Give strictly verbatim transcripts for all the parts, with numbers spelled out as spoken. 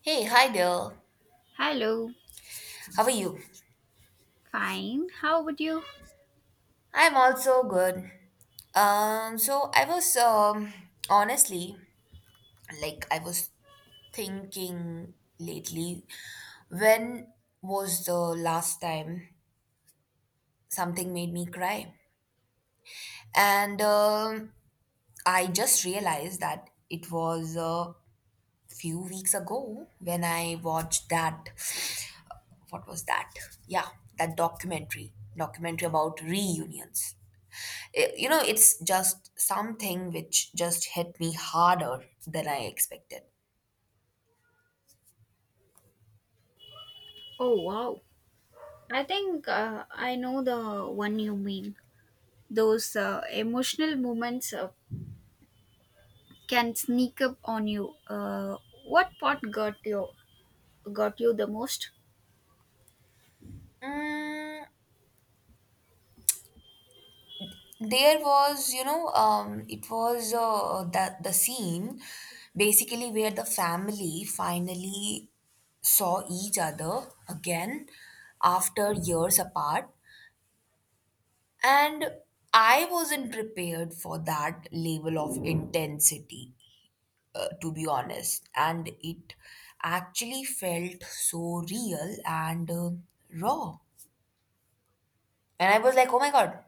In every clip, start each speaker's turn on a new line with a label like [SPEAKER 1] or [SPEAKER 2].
[SPEAKER 1] Hey, hi there.
[SPEAKER 2] Hello,
[SPEAKER 1] How are you?
[SPEAKER 2] fine. How about you?
[SPEAKER 1] I'm also good. Um, so I was um honestly, like I was thinking lately, when was the last time something made me cry? And um I just realized that it was a few weeks ago when I watched that, what was that? Yeah, that documentary, documentary about reunions. I- you know, it's just something which just hit me harder than I expected.
[SPEAKER 2] Oh, wow. I think uh, I know the one you mean. Those uh, emotional moments uh, can sneak up on you. Uh, what part got you got you the most?
[SPEAKER 1] There was, you know, um, It was uh, the, the scene basically where the family finally saw each other again after years apart. And I wasn't prepared for that level of intensity, uh, to be honest. And it actually felt so real and uh, raw. And I was like, oh my God.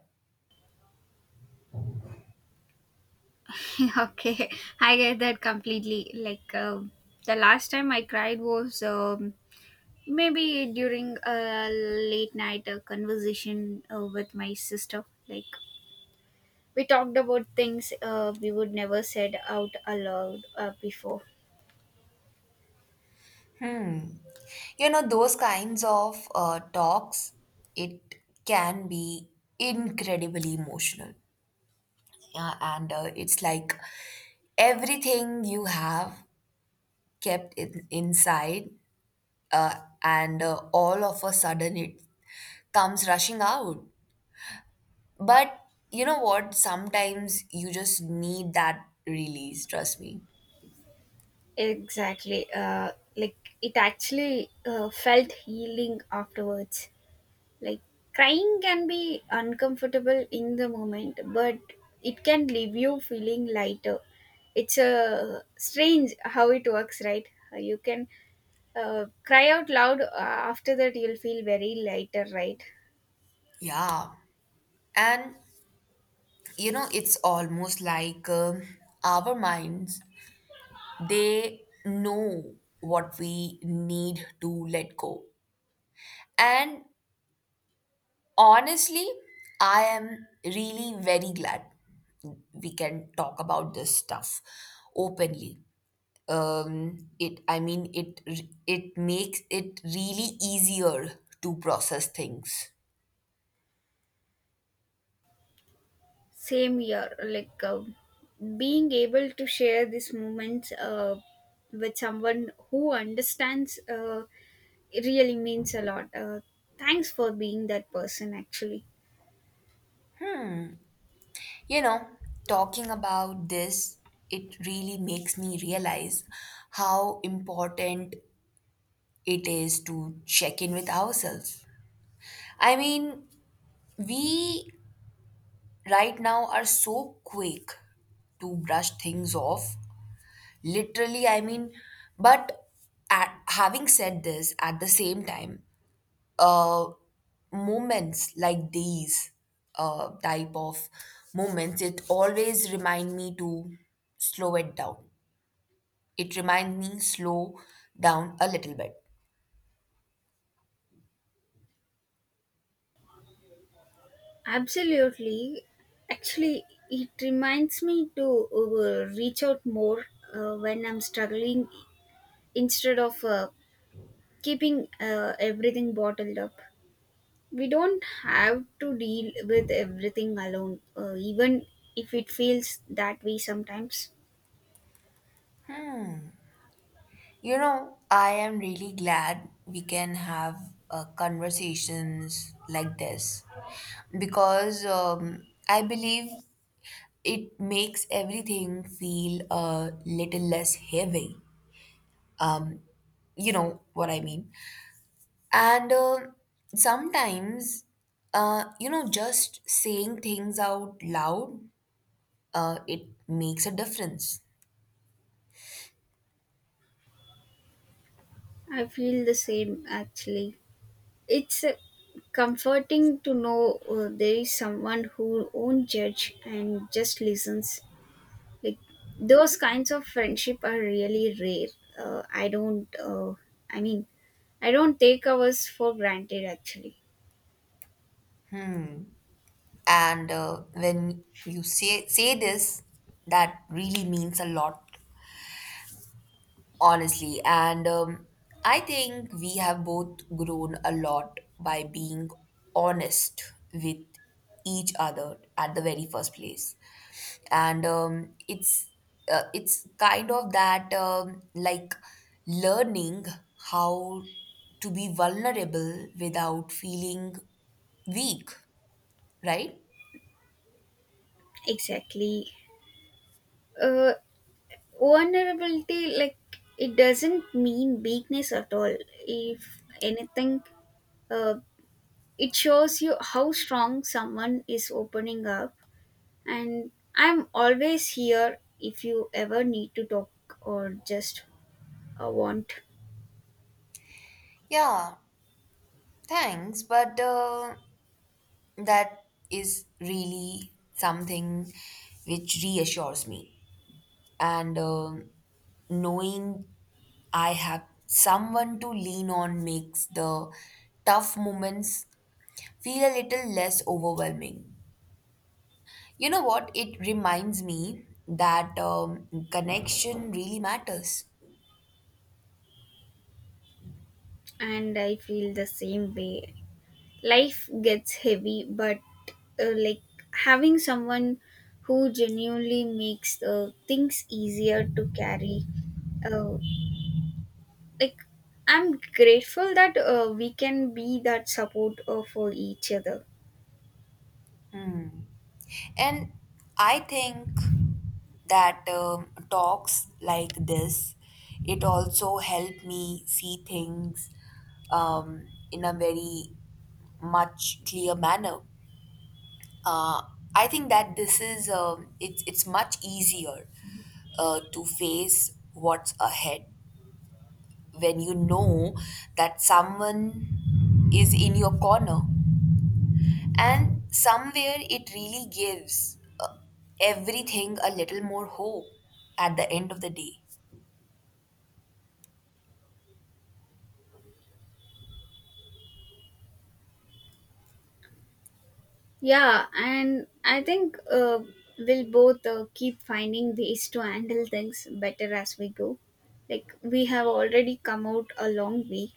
[SPEAKER 2] Okay, I get that completely. Like uh, the last time I cried was um, maybe during a late night uh, conversation uh, with my sister. Like, we talked about things uh, we would never said out aloud uh, before.
[SPEAKER 1] You know, those kinds of uh, talks, it can be incredibly emotional. Yeah, and uh, it's like everything you have kept in, inside, uh, and uh, all of a sudden it comes rushing out. But you know what? Sometimes you just need that release, trust me.
[SPEAKER 2] Exactly. Uh, like it actually uh, felt healing afterwards. Like, crying can be uncomfortable in the moment, but it can leave you feeling lighter. It's a strange how it works, right? You can uh, cry out loud uh, after that, you'll feel very lighter, right?
[SPEAKER 1] Yeah. And you know, it's almost like um our minds, they know what we need to let go. And honestly, I am really very glad we can talk about this stuff openly. Um, it, I mean, it, it makes it really easier to process things.
[SPEAKER 2] Same year, like uh, being able to share these moments uh, with someone who understands, uh, it really means a lot. Uh, thanks for being that person, actually.
[SPEAKER 1] You know, talking about this, it really makes me realize how important it is to check in with ourselves. I mean, we right now are so quick to brush things off. Literally, I mean, but at, having said this, at the same time, uh, moments like these, uh, type of moments, it always remind me to slow it down. It reminds me slow down a little bit.
[SPEAKER 2] Absolutely. Actually, it reminds me to uh, reach out more uh, when I'm struggling instead of uh, keeping uh, everything bottled up. We don't have to deal with everything alone, uh, even if it feels that way sometimes.
[SPEAKER 1] You know, I am really glad we can have uh, conversations like this because um, I believe it makes everything feel a little less heavy. You know what I mean? And uh, sometimes, uh, you know, just saying things out loud, uh, it makes a difference.
[SPEAKER 2] I feel the same actually. It's uh, comforting to know uh, there is someone who won't judge and just listens. Like, those kinds of friendship are really rare. Uh, I don't. Uh, I mean, I don't take ours for granted actually.
[SPEAKER 1] And uh, when you say say this, that really means a lot. Honestly, and um, I think we have both grown a lot by being honest with each other at the very first place. And um, it's uh, it's kind of that, um, like learning how to be vulnerable without feeling weak, right?
[SPEAKER 2] Exactly. Uh, Vulnerability, like, it doesn't mean weakness at all. If anything, uh, it shows you how strong someone is opening up. And I'm always here if you ever need to talk or just uh, want.
[SPEAKER 1] Yeah, thanks. But uh, that is really something which reassures me. And um knowing I have someone to lean on makes the tough moments feel a little less overwhelming. You know what? It reminds me that um, connection really matters.
[SPEAKER 2] And I feel the same way. Life gets heavy, but uh, like, having someone who genuinely makes uh, things easier to carry, uh, like, I'm grateful that uh, we can be that support uh, for each other.
[SPEAKER 1] And I think that um, talks like this, it also helped me see things um, in a very much clear manner. uh, I think that this is, um, it's, it's much easier uh, to face what's ahead when you know that someone is in your corner. And somewhere it really gives uh, everything a little more hope at the end of the day.
[SPEAKER 2] Yeah, and I think uh, we'll both uh, keep finding ways to handle things better as we go. Like, we have already come out a long way.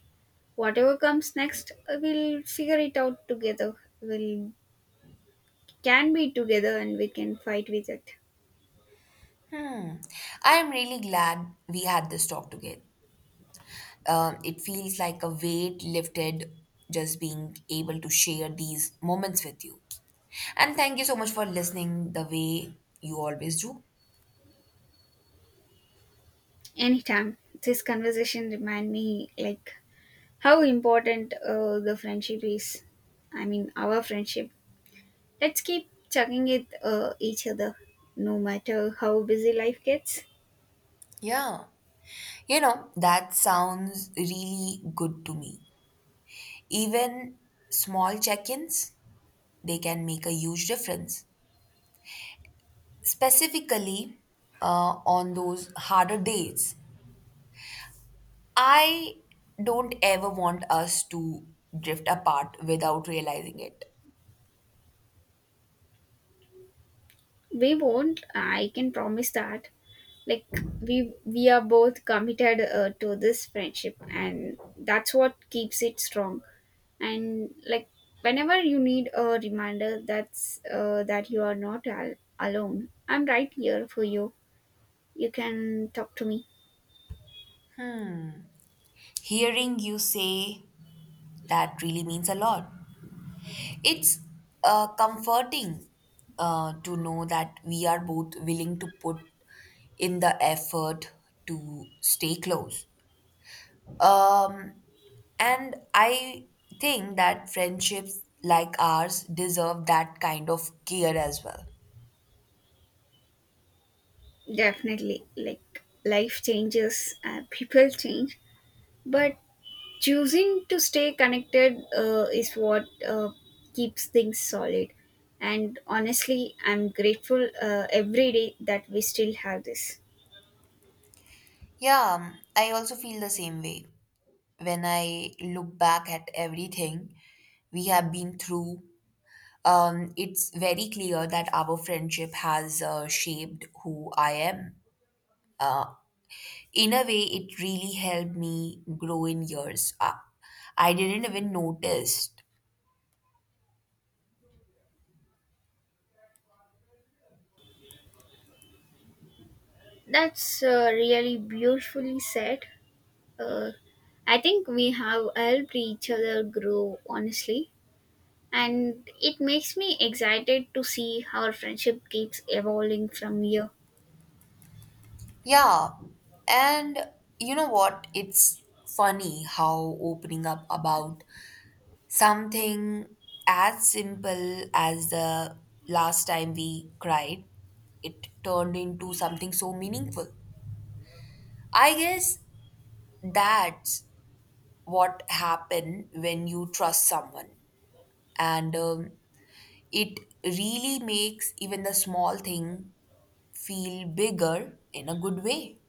[SPEAKER 2] Whatever comes next, uh, we'll figure it out together. We'll can be together and we can fight with it.
[SPEAKER 1] Hmm. I am really glad we had this talk together. Uh, it feels like a weight lifted just being able to share these moments with you. And thank you so much for listening the way you always do.
[SPEAKER 2] Anytime. This conversation remind me, like, how important uh, the friendship is. I mean, our friendship. Let's keep checking it uh, each other, no matter how busy life gets.
[SPEAKER 1] Yeah. You know, that sounds really good to me. Even small check ins, they can make a huge difference, specifically uh, on those harder days. I don't ever want us to drift apart without realizing it.
[SPEAKER 2] We won't. I can promise that. Like, we we are both committed uh, to this friendship, and that's what keeps it strong. And like, whenever you need a reminder, that's uh, that you are not al- alone. I'm right here for you. You can talk to me.
[SPEAKER 1] Hearing you say that really means a lot. It's uh, comforting uh, to know that we are both willing to put in the effort to stay close. Um, and I think that friendships like ours deserve that kind of care as well.
[SPEAKER 2] Definitely. Like, life changes, uh, people change, but choosing to stay connected uh, is what uh, keeps things solid. And honestly, I'm grateful uh, every day that we still have this.
[SPEAKER 1] Yeah, um, I also feel the same way. When I look back at everything we have been through, um, it's very clear that our friendship has uh, shaped who I am. Uh, in a way, it really helped me grow in years. Uh, I didn't even notice.
[SPEAKER 2] That's uh, really beautifully said. Uh, I think we have helped each other grow, honestly. And it makes me excited to see how our friendship keeps evolving from here.
[SPEAKER 1] Yeah, and you know what? It's funny how opening up about something as simple as the last time we cried, it turned into something so meaningful. I guess that's what happened when you trust someone, and um, it really makes even the small thing feel bigger in a good way.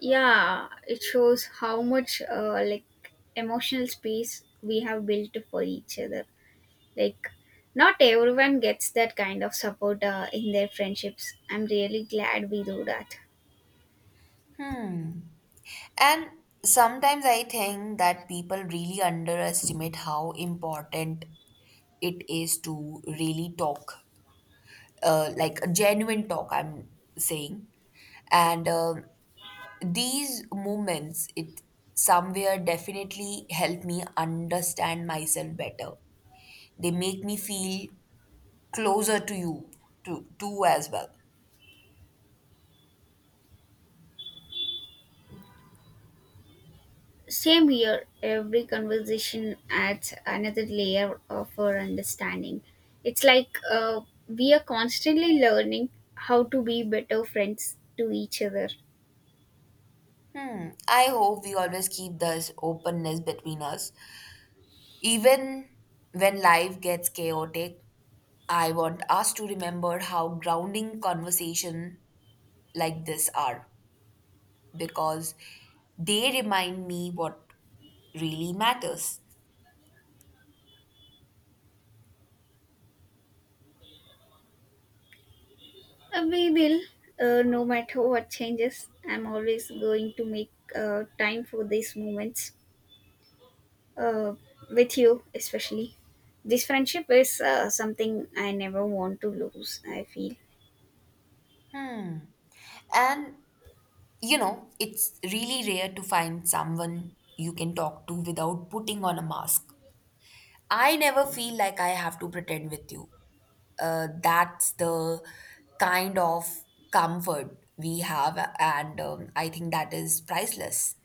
[SPEAKER 2] Yeah, it shows how much uh, like, emotional space we have built for each other. Like, not everyone gets that kind of support uh, in their friendships. I'm really glad we do that.
[SPEAKER 1] And sometimes I think that people really underestimate how important it is to really talk, uh, like a genuine talk, I'm saying. And um these moments, it somewhere definitely help me understand myself better. They make me feel closer to you, to to as well.
[SPEAKER 2] Same here. Every conversation adds another layer of our understanding. It's like uh, we are constantly learning how to be better friends to each other.
[SPEAKER 1] Hmm, I hope we always keep this openness between us, even when life gets chaotic. I want us to remember how grounding conversation like this are, because they remind me what really matters.
[SPEAKER 2] Uh, we will, uh, no matter what changes, I'm always going to make uh, time for these moments uh, with you, especially. This friendship is uh, something I never want to lose, I feel.
[SPEAKER 1] And you know, it's really rare to find someone you can talk to without putting on a mask. I never feel like I have to pretend with you. Uh, that's the kind of comfort we have, and um, I think that is priceless.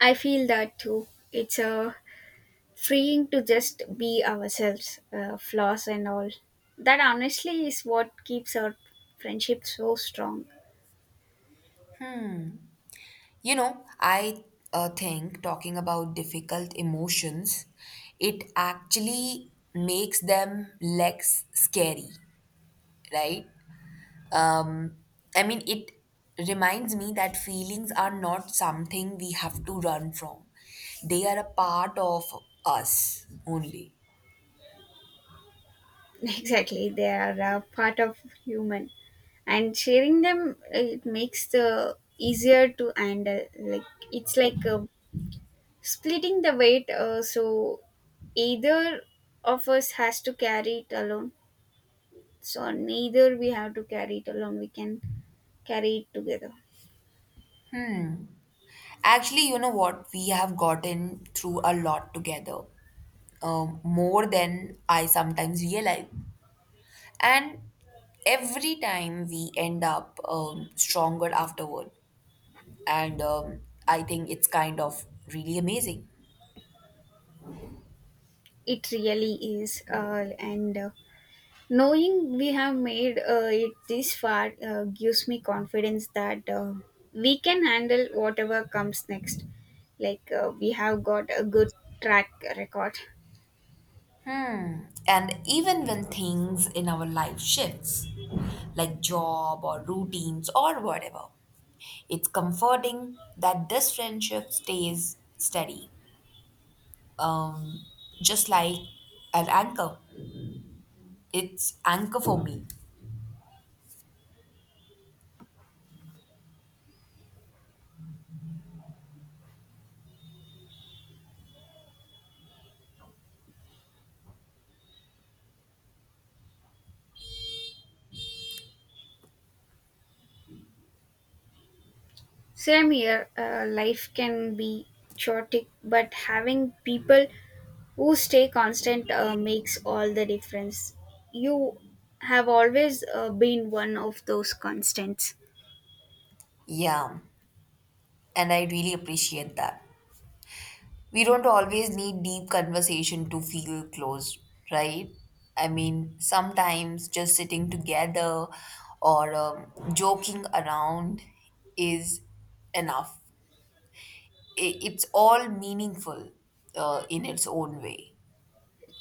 [SPEAKER 2] I feel that too. It's uh, freeing to just be ourselves, uh, flaws and all. That honestly is what keeps our friendship so strong.
[SPEAKER 1] You know, I uh, think talking about difficult emotions, it actually makes them less scary, right? Um, I mean, it reminds me that feelings are not something we have to run from, they are a part of us only.
[SPEAKER 2] Exactly, they are a part of human and sharing them it makes the easier to handle. Like, it's like uh, splitting the weight, uh, so either of us has to carry it alone. So neither we have to carry it alone, we can carry it together.
[SPEAKER 1] Actually, you know what? We have gotten through a lot together, um, more than I sometimes realize. And every time we end up um, stronger afterward. And um, I think it's kind of really amazing.
[SPEAKER 2] It really is, uh, and uh, knowing we have made, uh, it this far, uh, gives me confidence that uh, we can handle whatever comes next. Like, uh, we have got a good track record.
[SPEAKER 1] And even when things in our life shifts, like job or routines or whatever, it's comforting that this friendship stays steady, um, just like an anchor. It's anchor for me.
[SPEAKER 2] Same here, uh, life can be chaotic, but having people who stay constant uh, makes all the difference. You have always uh, been one of those constants.
[SPEAKER 1] Yeah, and I really appreciate that. We don't always need deep conversation to feel close, right? I mean, sometimes just sitting together or um, joking around is enough. I- It's all meaningful uh, in its own way.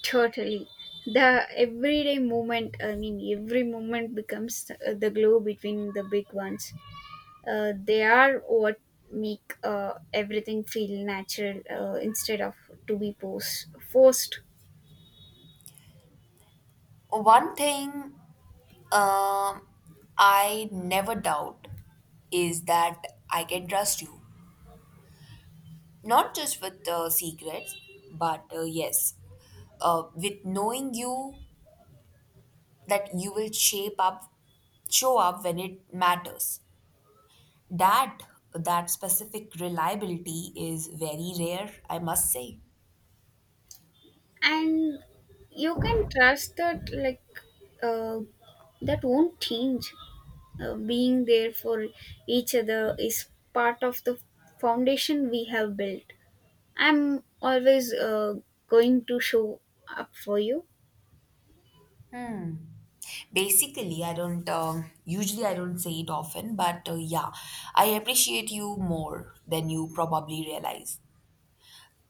[SPEAKER 2] Totally. The everyday moment, I mean, every moment becomes uh, the glue between the big ones. Uh, they are what make uh, everything feel natural uh, instead of to be pos- forced.
[SPEAKER 1] One thing, um I never doubt, is that I can trust you. Not just with uh, secrets, but uh, yes, uh, with knowing you that you will shape up show up when it matters. That that specific reliability is very rare, I must say.
[SPEAKER 2] And you can trust that, like, uh, that won't change. Uh, being there for each other is part of the foundation we have built. I'm always uh, going to show up for you.
[SPEAKER 1] Basically, I don't um, usually, I don't say it often, but uh, yeah, I appreciate you more than you probably realize.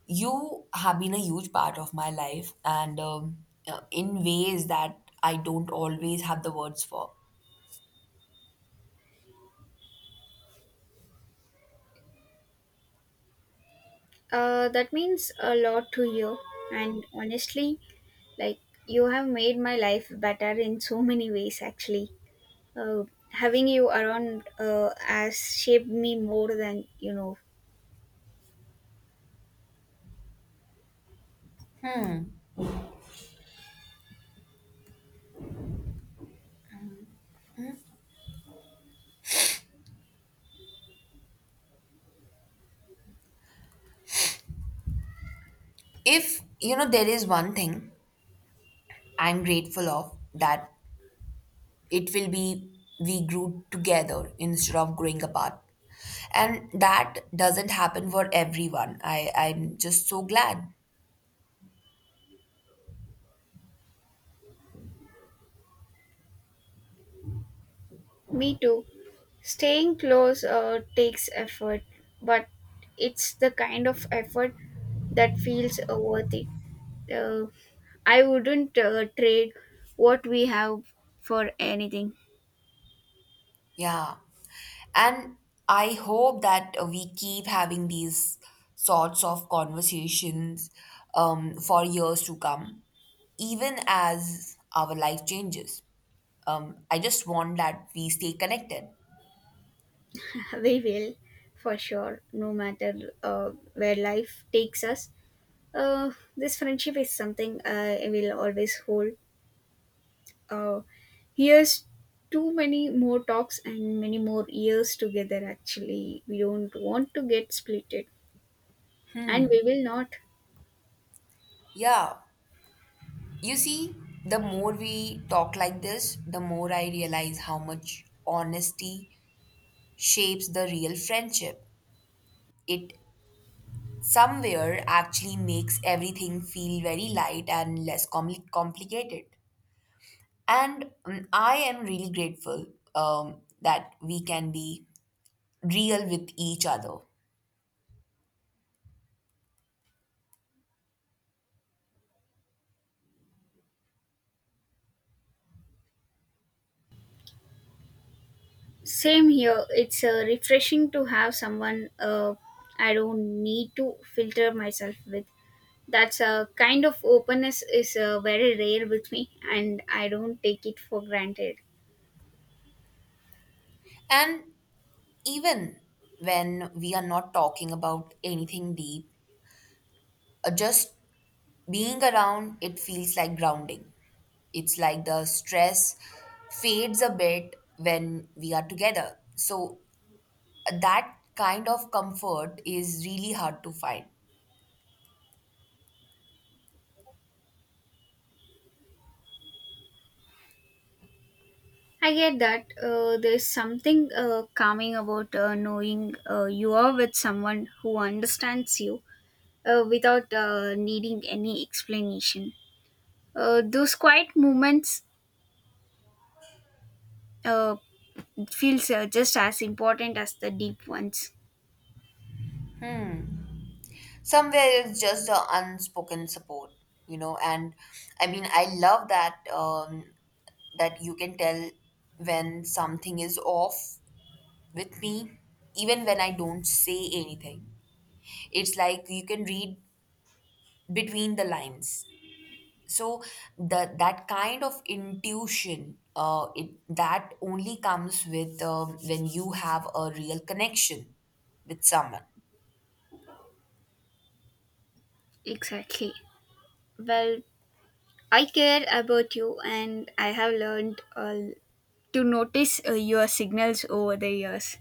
[SPEAKER 1] You have been a huge part of my life and um, uh, in ways that I don't always have the words for.
[SPEAKER 2] Uh, that means a lot to you. And honestly, like, you have made my life better in so many ways, actually. Uh, Having you around uh, has shaped me more than you know.
[SPEAKER 1] If you know there is one thing I'm grateful of, that it will be, we grew together instead of growing apart. And that doesn't happen for everyone. I i'm just so glad.
[SPEAKER 2] Me too. Staying close uh, takes effort, but it's the kind of effort that feels uh, worth it. Uh, I wouldn't uh, trade what we have for anything.
[SPEAKER 1] Yeah, and I hope that uh, we keep having these sorts of conversations um, for years to come, even as our life changes. um, I just want that we stay connected.
[SPEAKER 2] We will, for sure, no matter uh, where life takes us. uh, this friendship is something uh, I will always hold. uh, Here's too many more talks and many more years together. Actually, we don't want to get splitted, and we will not.
[SPEAKER 1] Yeah. You see, the more we talk like this, the more I realize how much honesty shapes the real friendship. It somewhere actually makes everything feel very light and less compli complicated. And um, I am really grateful um, that we can be real with each other.
[SPEAKER 2] Same here. It's uh, refreshing to have someone uh, I don't need to filter myself with. That's a kind of openness is uh, very rare with me, and I don't take it for granted.
[SPEAKER 1] And even when we are not talking about anything deep, uh, just being around, it feels like grounding. It's like the stress fades a bit when we are together. So that kind of comfort is really hard to find.
[SPEAKER 2] I get that, uh, there's something uh, calming about uh, knowing uh, you are with someone who understands you uh, without uh, needing any explanation. Uh, those quiet moments uh, feels uh, just as important as the deep ones.
[SPEAKER 1] Somewhere it's just the unspoken support, you know. And I mean, I love that um, that you can tell when something is off with me, even when I don't say anything. It's like you can read between the lines. So the That kind of intuition, uh, it that only comes with, um, when you have a real connection with someone.
[SPEAKER 2] Exactly. Well, I care about you and I have learned uh, to notice uh, your signals over the years.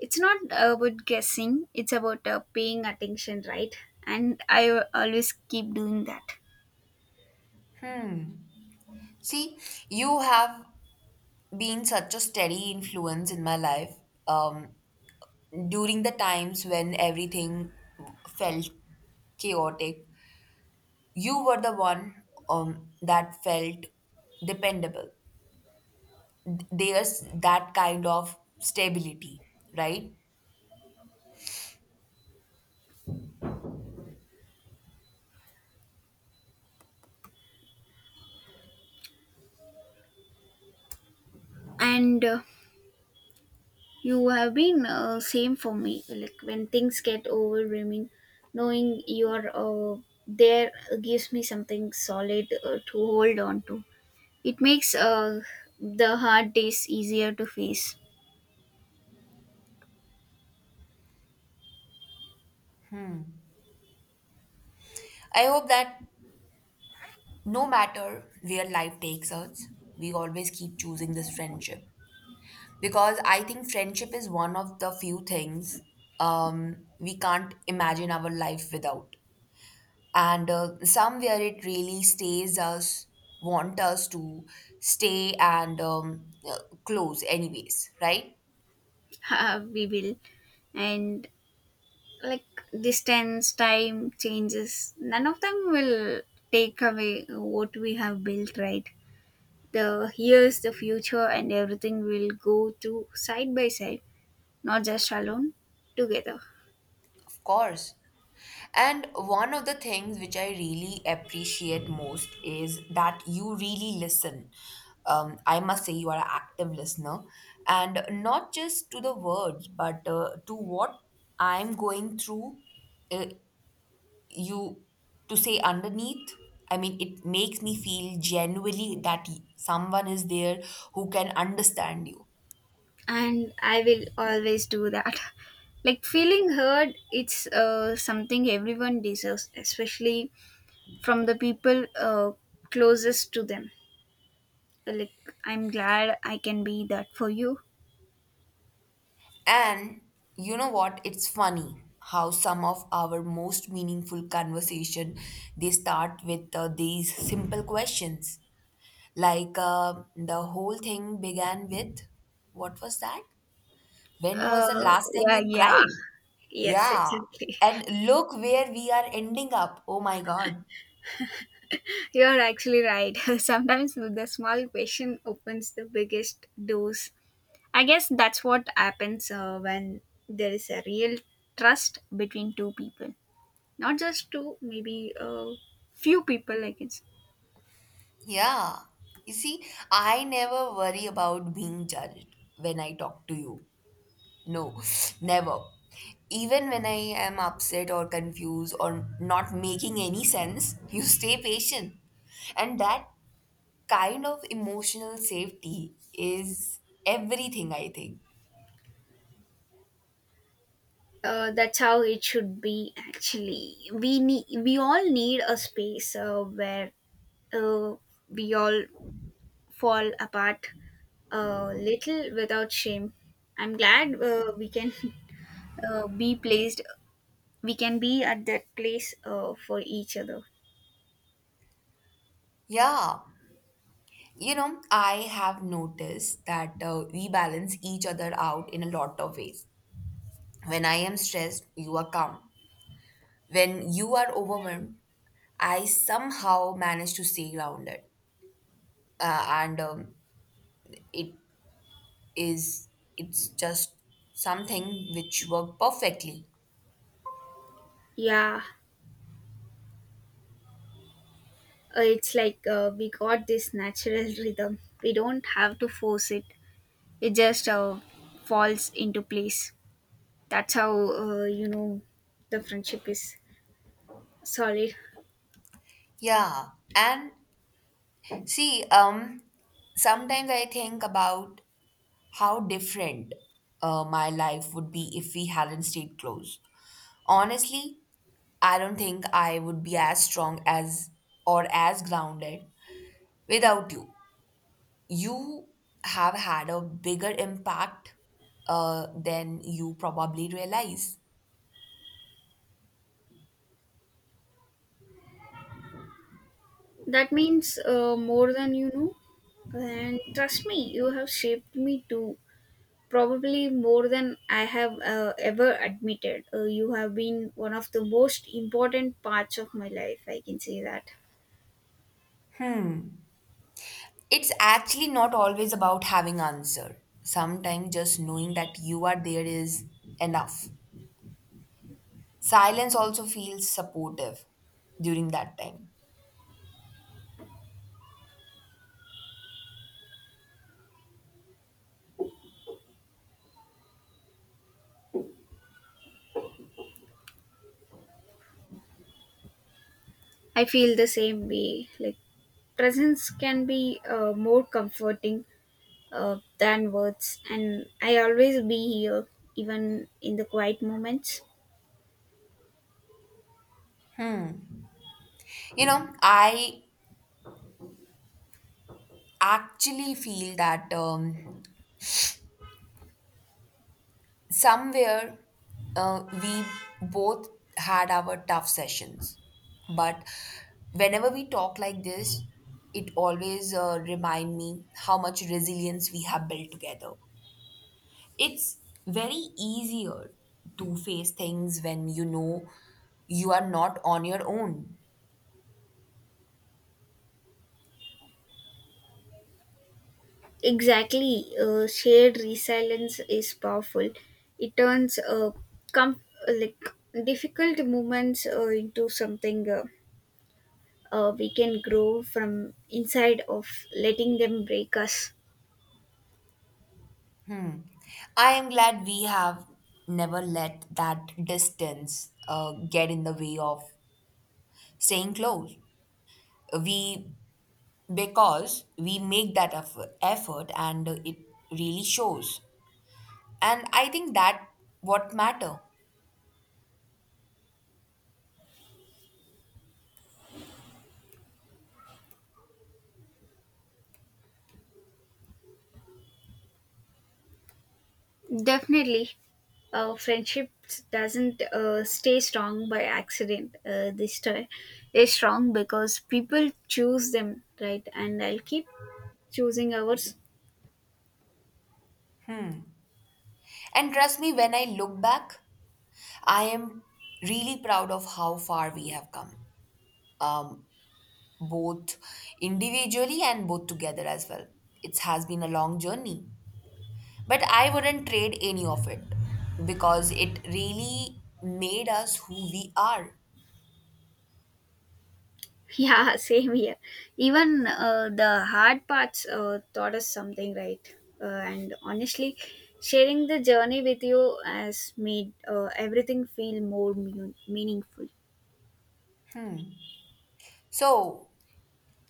[SPEAKER 2] It's not about guessing, it's about uh, paying attention, right? And I always keep doing that.
[SPEAKER 1] See, you have been such a steady influence in my life. um, During the times when everything felt chaotic, you were the one um, that felt dependable. There's that kind of stability, right?
[SPEAKER 2] And uh, you have been uh, same for me. Like, when things get overwhelming, knowing you're uh, there gives me something solid uh, to hold on to. It makes uh, the hard days easier to face.
[SPEAKER 1] I hope that no matter where life takes us, we always keep choosing this friendship, because I think friendship is one of the few things um, we can't imagine our life without. And uh, somewhere it really stays us, want us to stay and um, uh, close, anyways, right?
[SPEAKER 2] Uh, we will, and like, distance, time changes, none of them will take away what we have built, right? The here's the future and everything will go to side by side, not just alone, together.
[SPEAKER 1] Of course. And one of the things which I really appreciate most is that you really listen. Um, I must say, you are an active listener, and not just to the words, but uh, to what I'm going through. Uh, you to say underneath. I mean, it makes me feel genuinely that y- someone is there who can understand you.
[SPEAKER 2] And I will always do that. Like, feeling heard, it's uh, something everyone deserves, especially from the people uh, closest to them. Like, I'm glad I can be that for you.
[SPEAKER 1] And you know what? It's funny how some of our most meaningful conversation, they start with uh, these simple questions. Like uh, the whole thing began with, what was that? When was the
[SPEAKER 2] Uh,
[SPEAKER 1] last time
[SPEAKER 2] yeah,
[SPEAKER 1] you
[SPEAKER 2] yeah,
[SPEAKER 1] cried?
[SPEAKER 2] yes,
[SPEAKER 1] Yeah.
[SPEAKER 2] exactly.
[SPEAKER 1] And look where we are ending up. Oh my God.
[SPEAKER 2] You're actually right. Sometimes the small question opens the biggest doors. I guess that's what happens uh, when there is a real trust between two people, not just two, maybe uh, few people, I guess.
[SPEAKER 1] Yeah. You see, I never worry about being judged when I talk to you. No, never. Even when I am upset or confused or not making any sense, you stay patient. And that kind of emotional safety is everything, I think.
[SPEAKER 2] Uh, that's how it should be. Actually, we need we all need a space uh, where uh, we all fall apart a little without shame. I'm glad uh, we can uh, be placed, we can be at that place uh, for each other.
[SPEAKER 1] Yeah. You know, I have noticed that uh, we balance each other out in a lot of ways. When I am stressed, you are calm. When you are overwhelmed, I somehow manage to stay grounded. Uh, and um, it is it's just something which worked perfectly.
[SPEAKER 2] Yeah, uh, it's like uh, we got this natural rhythm. We don't have to force it, it just uh, falls into place. That's how, uh, you know, the friendship is solid.
[SPEAKER 1] Yeah, and see, um, sometimes I think about how different uh, my life would be if we hadn't stayed close. Honestly, I don't think I would be as strong as or as grounded without you. You have had a bigger impact uh, than you probably realize.
[SPEAKER 2] That means uh, more than you know. And trust me, you have shaped me too. Probably more than I have uh, ever admitted. Uh, you have been one of the most important parts of my life. I can say that.
[SPEAKER 1] It's actually not always about having answer. Sometimes just knowing that you are there is enough. Silence also feels supportive during that time.
[SPEAKER 2] I feel the same way. Like, presence can be uh, more comforting uh, than words, and I always be here, even in the quiet moments.
[SPEAKER 1] You know, I actually feel that um, somewhere uh, we both had our tough sessions, but whenever we talk like this, it always uh, remind me how much resilience we have built together. It's very easier to face things when you know you are not on your own.
[SPEAKER 2] Exactly, uh, shared resilience is powerful. It turns uh, com- like, difficult moments uh, into something. Uh, uh, we can grow from inside of letting them break us.
[SPEAKER 1] I am glad we have never let that distance uh, get in the way of staying close. We because we make that effort, effort and it really shows. And I think that what matter.
[SPEAKER 2] Definitely, uh, friendship doesn't uh, stay strong by accident. Uh, they stay is strong because people choose them, right? And I'll keep choosing ours.
[SPEAKER 1] And trust me, when I look back, I am really proud of how far we have come. Um, Both individually and both together as well. It has been a long journey, but I wouldn't trade any of it because it really made us who we are.
[SPEAKER 2] Yeah, same here. Even uh, the hard parts uh, taught us something, right? Uh, and honestly, sharing the journey with you has made uh, everything feel more mean- meaningful.
[SPEAKER 1] So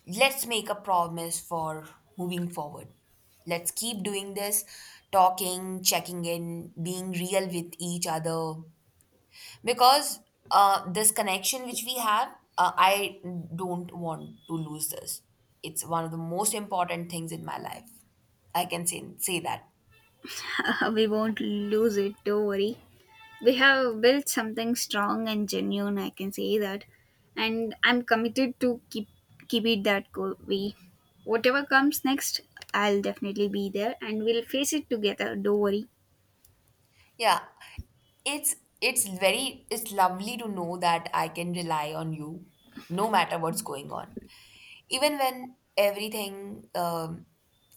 [SPEAKER 1] let's make a promise for moving forward. Let's keep doing this, talking, checking in, being real with each other, because uh, this connection which we have, uh, I don't want to lose this. It's one of the most important things in my life. I can say say that.
[SPEAKER 2] We won't lose it, don't worry. We have built something strong and genuine, I can say that. And I'm committed to keep keep it that go- way. Whatever comes next, I'll definitely be there and we'll face it together, don't worry.
[SPEAKER 1] Yeah, it's it's very it's lovely to know that I can rely on you no matter what's going on, even when everything um,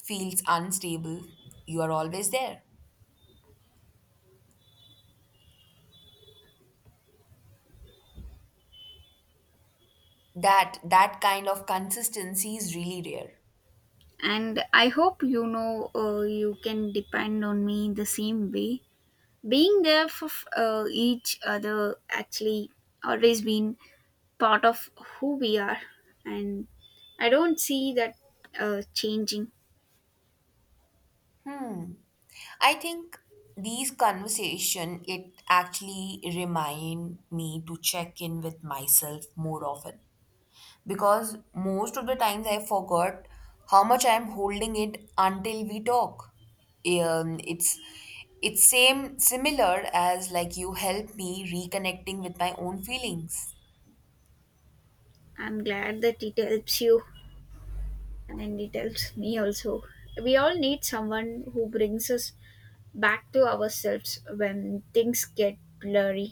[SPEAKER 1] feels unstable. You are always there. That that kind of consistency is really rare.
[SPEAKER 2] And I hope you know uh, you can depend on me in the same way. Being there for uh, each other actually always been part of who we are, and I don't see that uh, changing.
[SPEAKER 1] Hmm. I think these conversation it actually remind me to check in with myself more often, because most of the times I forgot how much I am holding it until we talk. Um, it's it's same similar as like you help me reconnecting with my own feelings.
[SPEAKER 2] I'm glad that it helps you, and it helps me also. We all need someone who brings us back to ourselves when things get blurry,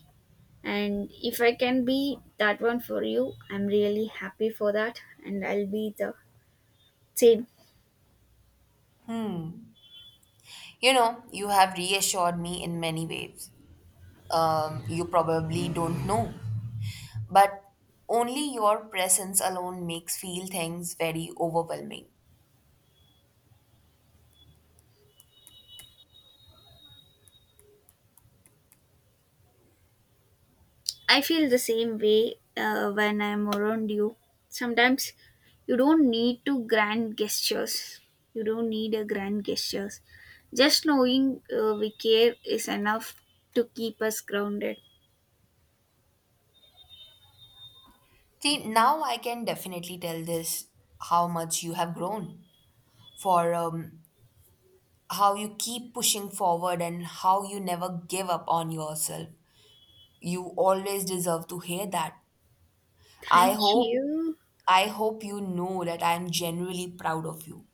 [SPEAKER 2] and if I can be that one for you, I'm really happy for that, and I'll be the same.
[SPEAKER 1] Hmm. You know, you have reassured me in many ways. Um, you probably don't know, but only your presence alone makes feel things very overwhelming.
[SPEAKER 2] I feel the same way uh, when I'm around you. Sometimes you don't need to grand gestures. You don't need a grand gestures. Just knowing uh, we care is enough to keep us grounded.
[SPEAKER 1] See, now I can definitely tell this how much you have grown for, um, how you keep pushing forward and how you never give up on yourself. You always deserve to hear that. I
[SPEAKER 2] Thank
[SPEAKER 1] hope
[SPEAKER 2] you.
[SPEAKER 1] I hope you know that I am genuinely proud of you.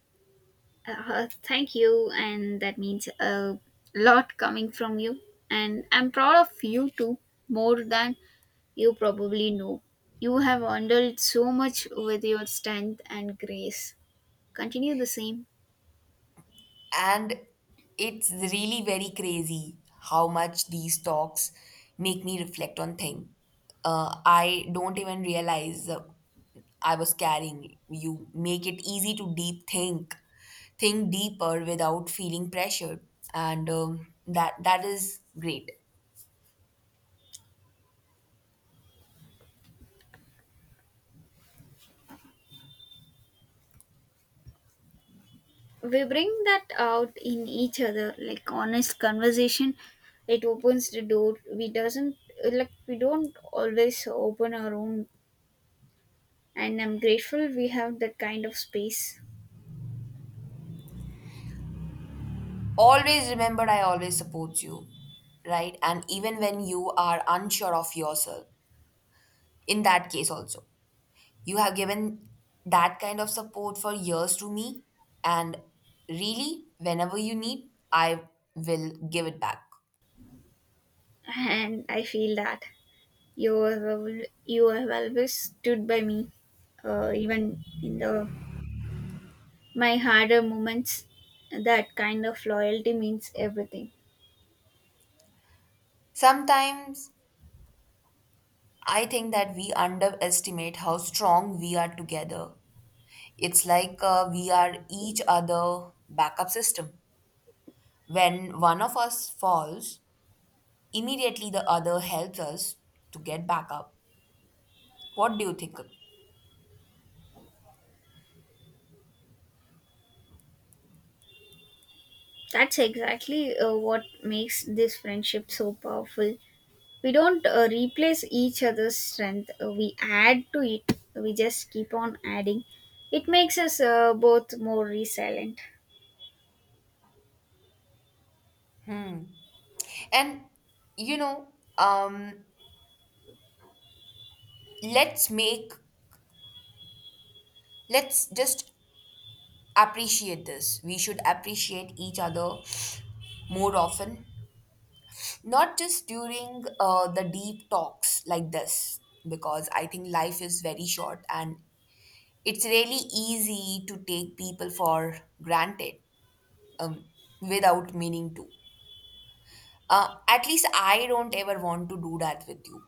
[SPEAKER 2] Uh, thank you. And that means a lot coming from you. And I'm proud of you too, more than you probably know. You have handled so much with your strength and grace. Continue the same.
[SPEAKER 1] And it's really very crazy how much these talks make me reflect on things. Uh, I don't even realize uh, I was carrying. You make it easy to deep think, think deeper without feeling pressured, and um, that that is great.
[SPEAKER 2] We bring that out in each other. Like, honest conversation, it opens the door we doesn't, like, we don't always open our own, and I'm grateful we have that kind of space.
[SPEAKER 1] Always remember, I always support you, right? And even when you are unsure of yourself, in that case also. You have given that kind of support for years to me, and really, whenever you need, I will give it back.
[SPEAKER 2] And I feel that you have al- you have always stood by me, uh, even in the my harder moments. That kind of loyalty means everything.
[SPEAKER 1] Sometimes I think that we underestimate how strong we are together. It's like uh, we are each other backup system. When one of us falls, immediately the other helps us to get back up. What do you think?
[SPEAKER 2] That's exactly uh, what makes this friendship so powerful. We don't uh, replace each other's strength, uh, we add to it. We just keep on adding. It makes us uh, both more resilient.
[SPEAKER 1] And you know, um, let's make let's just appreciate this. We should appreciate each other more often, not just during uh, the deep talks like this, because I think life is very short and it's really easy to take people for granted, um, without meaning to. Uh, at least I don't ever want to do that with you.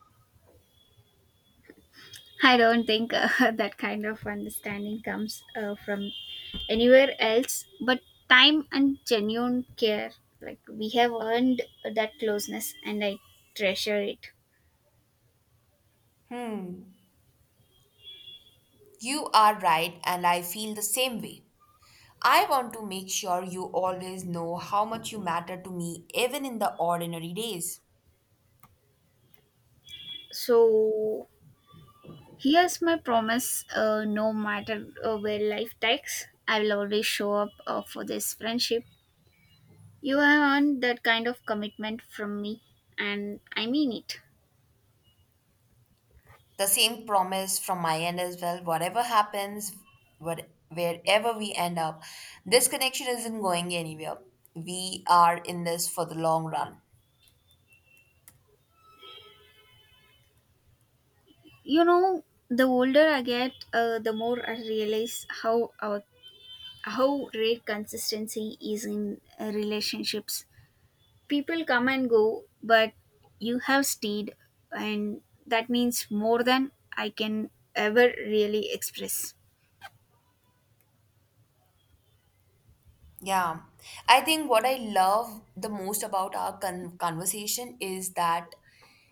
[SPEAKER 2] I don't think uh, that kind of understanding comes uh, from anywhere else but time and genuine care. Like, we have earned that closeness and I treasure it.
[SPEAKER 1] You are right, and I feel the same way. I want to make sure you always know how much you matter to me, even in the ordinary days.
[SPEAKER 2] So here's my promise, uh, no matter uh, where life takes, I will always show up uh, for this friendship. You have earned that kind of commitment from me, and I mean it.
[SPEAKER 1] The same promise from my end as well. Whatever happens, what, wherever we end up, this connection isn't going anywhere. We are in this for the long run.
[SPEAKER 2] You know, the older I get, uh, the more I realize how our how rare consistency is in uh, relationships. People come and go, but you have stayed, and that means more than I can ever really express.
[SPEAKER 1] Yeah. I think what I love the most about our con- conversation is that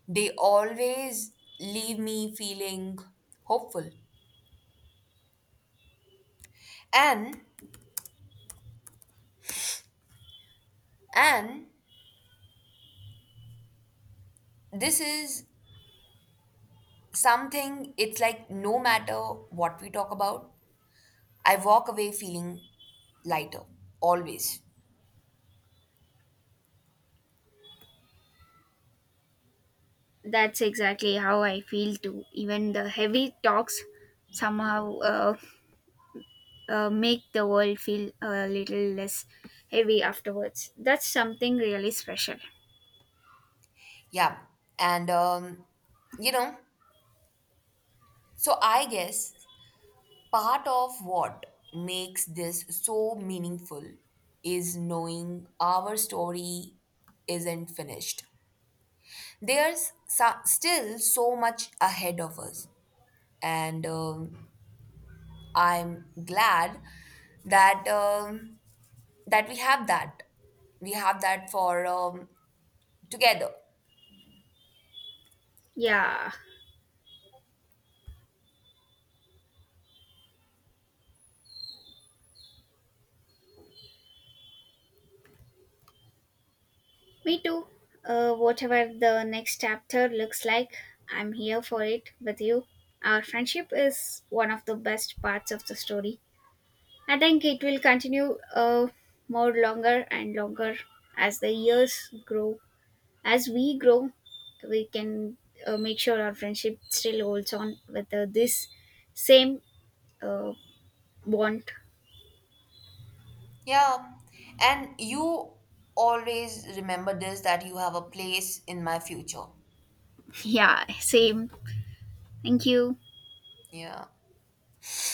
[SPEAKER 1] they always leave me feeling hopeful. And and this is something. It's like no matter what we talk about, I walk away feeling lighter, always.
[SPEAKER 2] That's exactly how I feel too. Even the heavy talks somehow uh, uh, make the world feel a little less heavy afterwards. That's something really special.
[SPEAKER 1] Yeah. And, um, you know, so I guess part of what makes this so meaningful is knowing our story isn't finished. There's so- still so much ahead of us. And um, I'm glad that um, that we have that. We have that for, um, together.
[SPEAKER 2] Yeah, me too. Uh, whatever the next chapter looks like, I'm here for it with you. Our friendship is one of the best parts of the story. I think it will continue uh, more longer and longer as the years grow. As we grow, we can uh, make sure our friendship still holds on with uh, this same uh, bond.
[SPEAKER 1] Yeah, and you always remember this, that you have a place in my future.
[SPEAKER 2] Yeah, same. Thank you.
[SPEAKER 1] Yeah.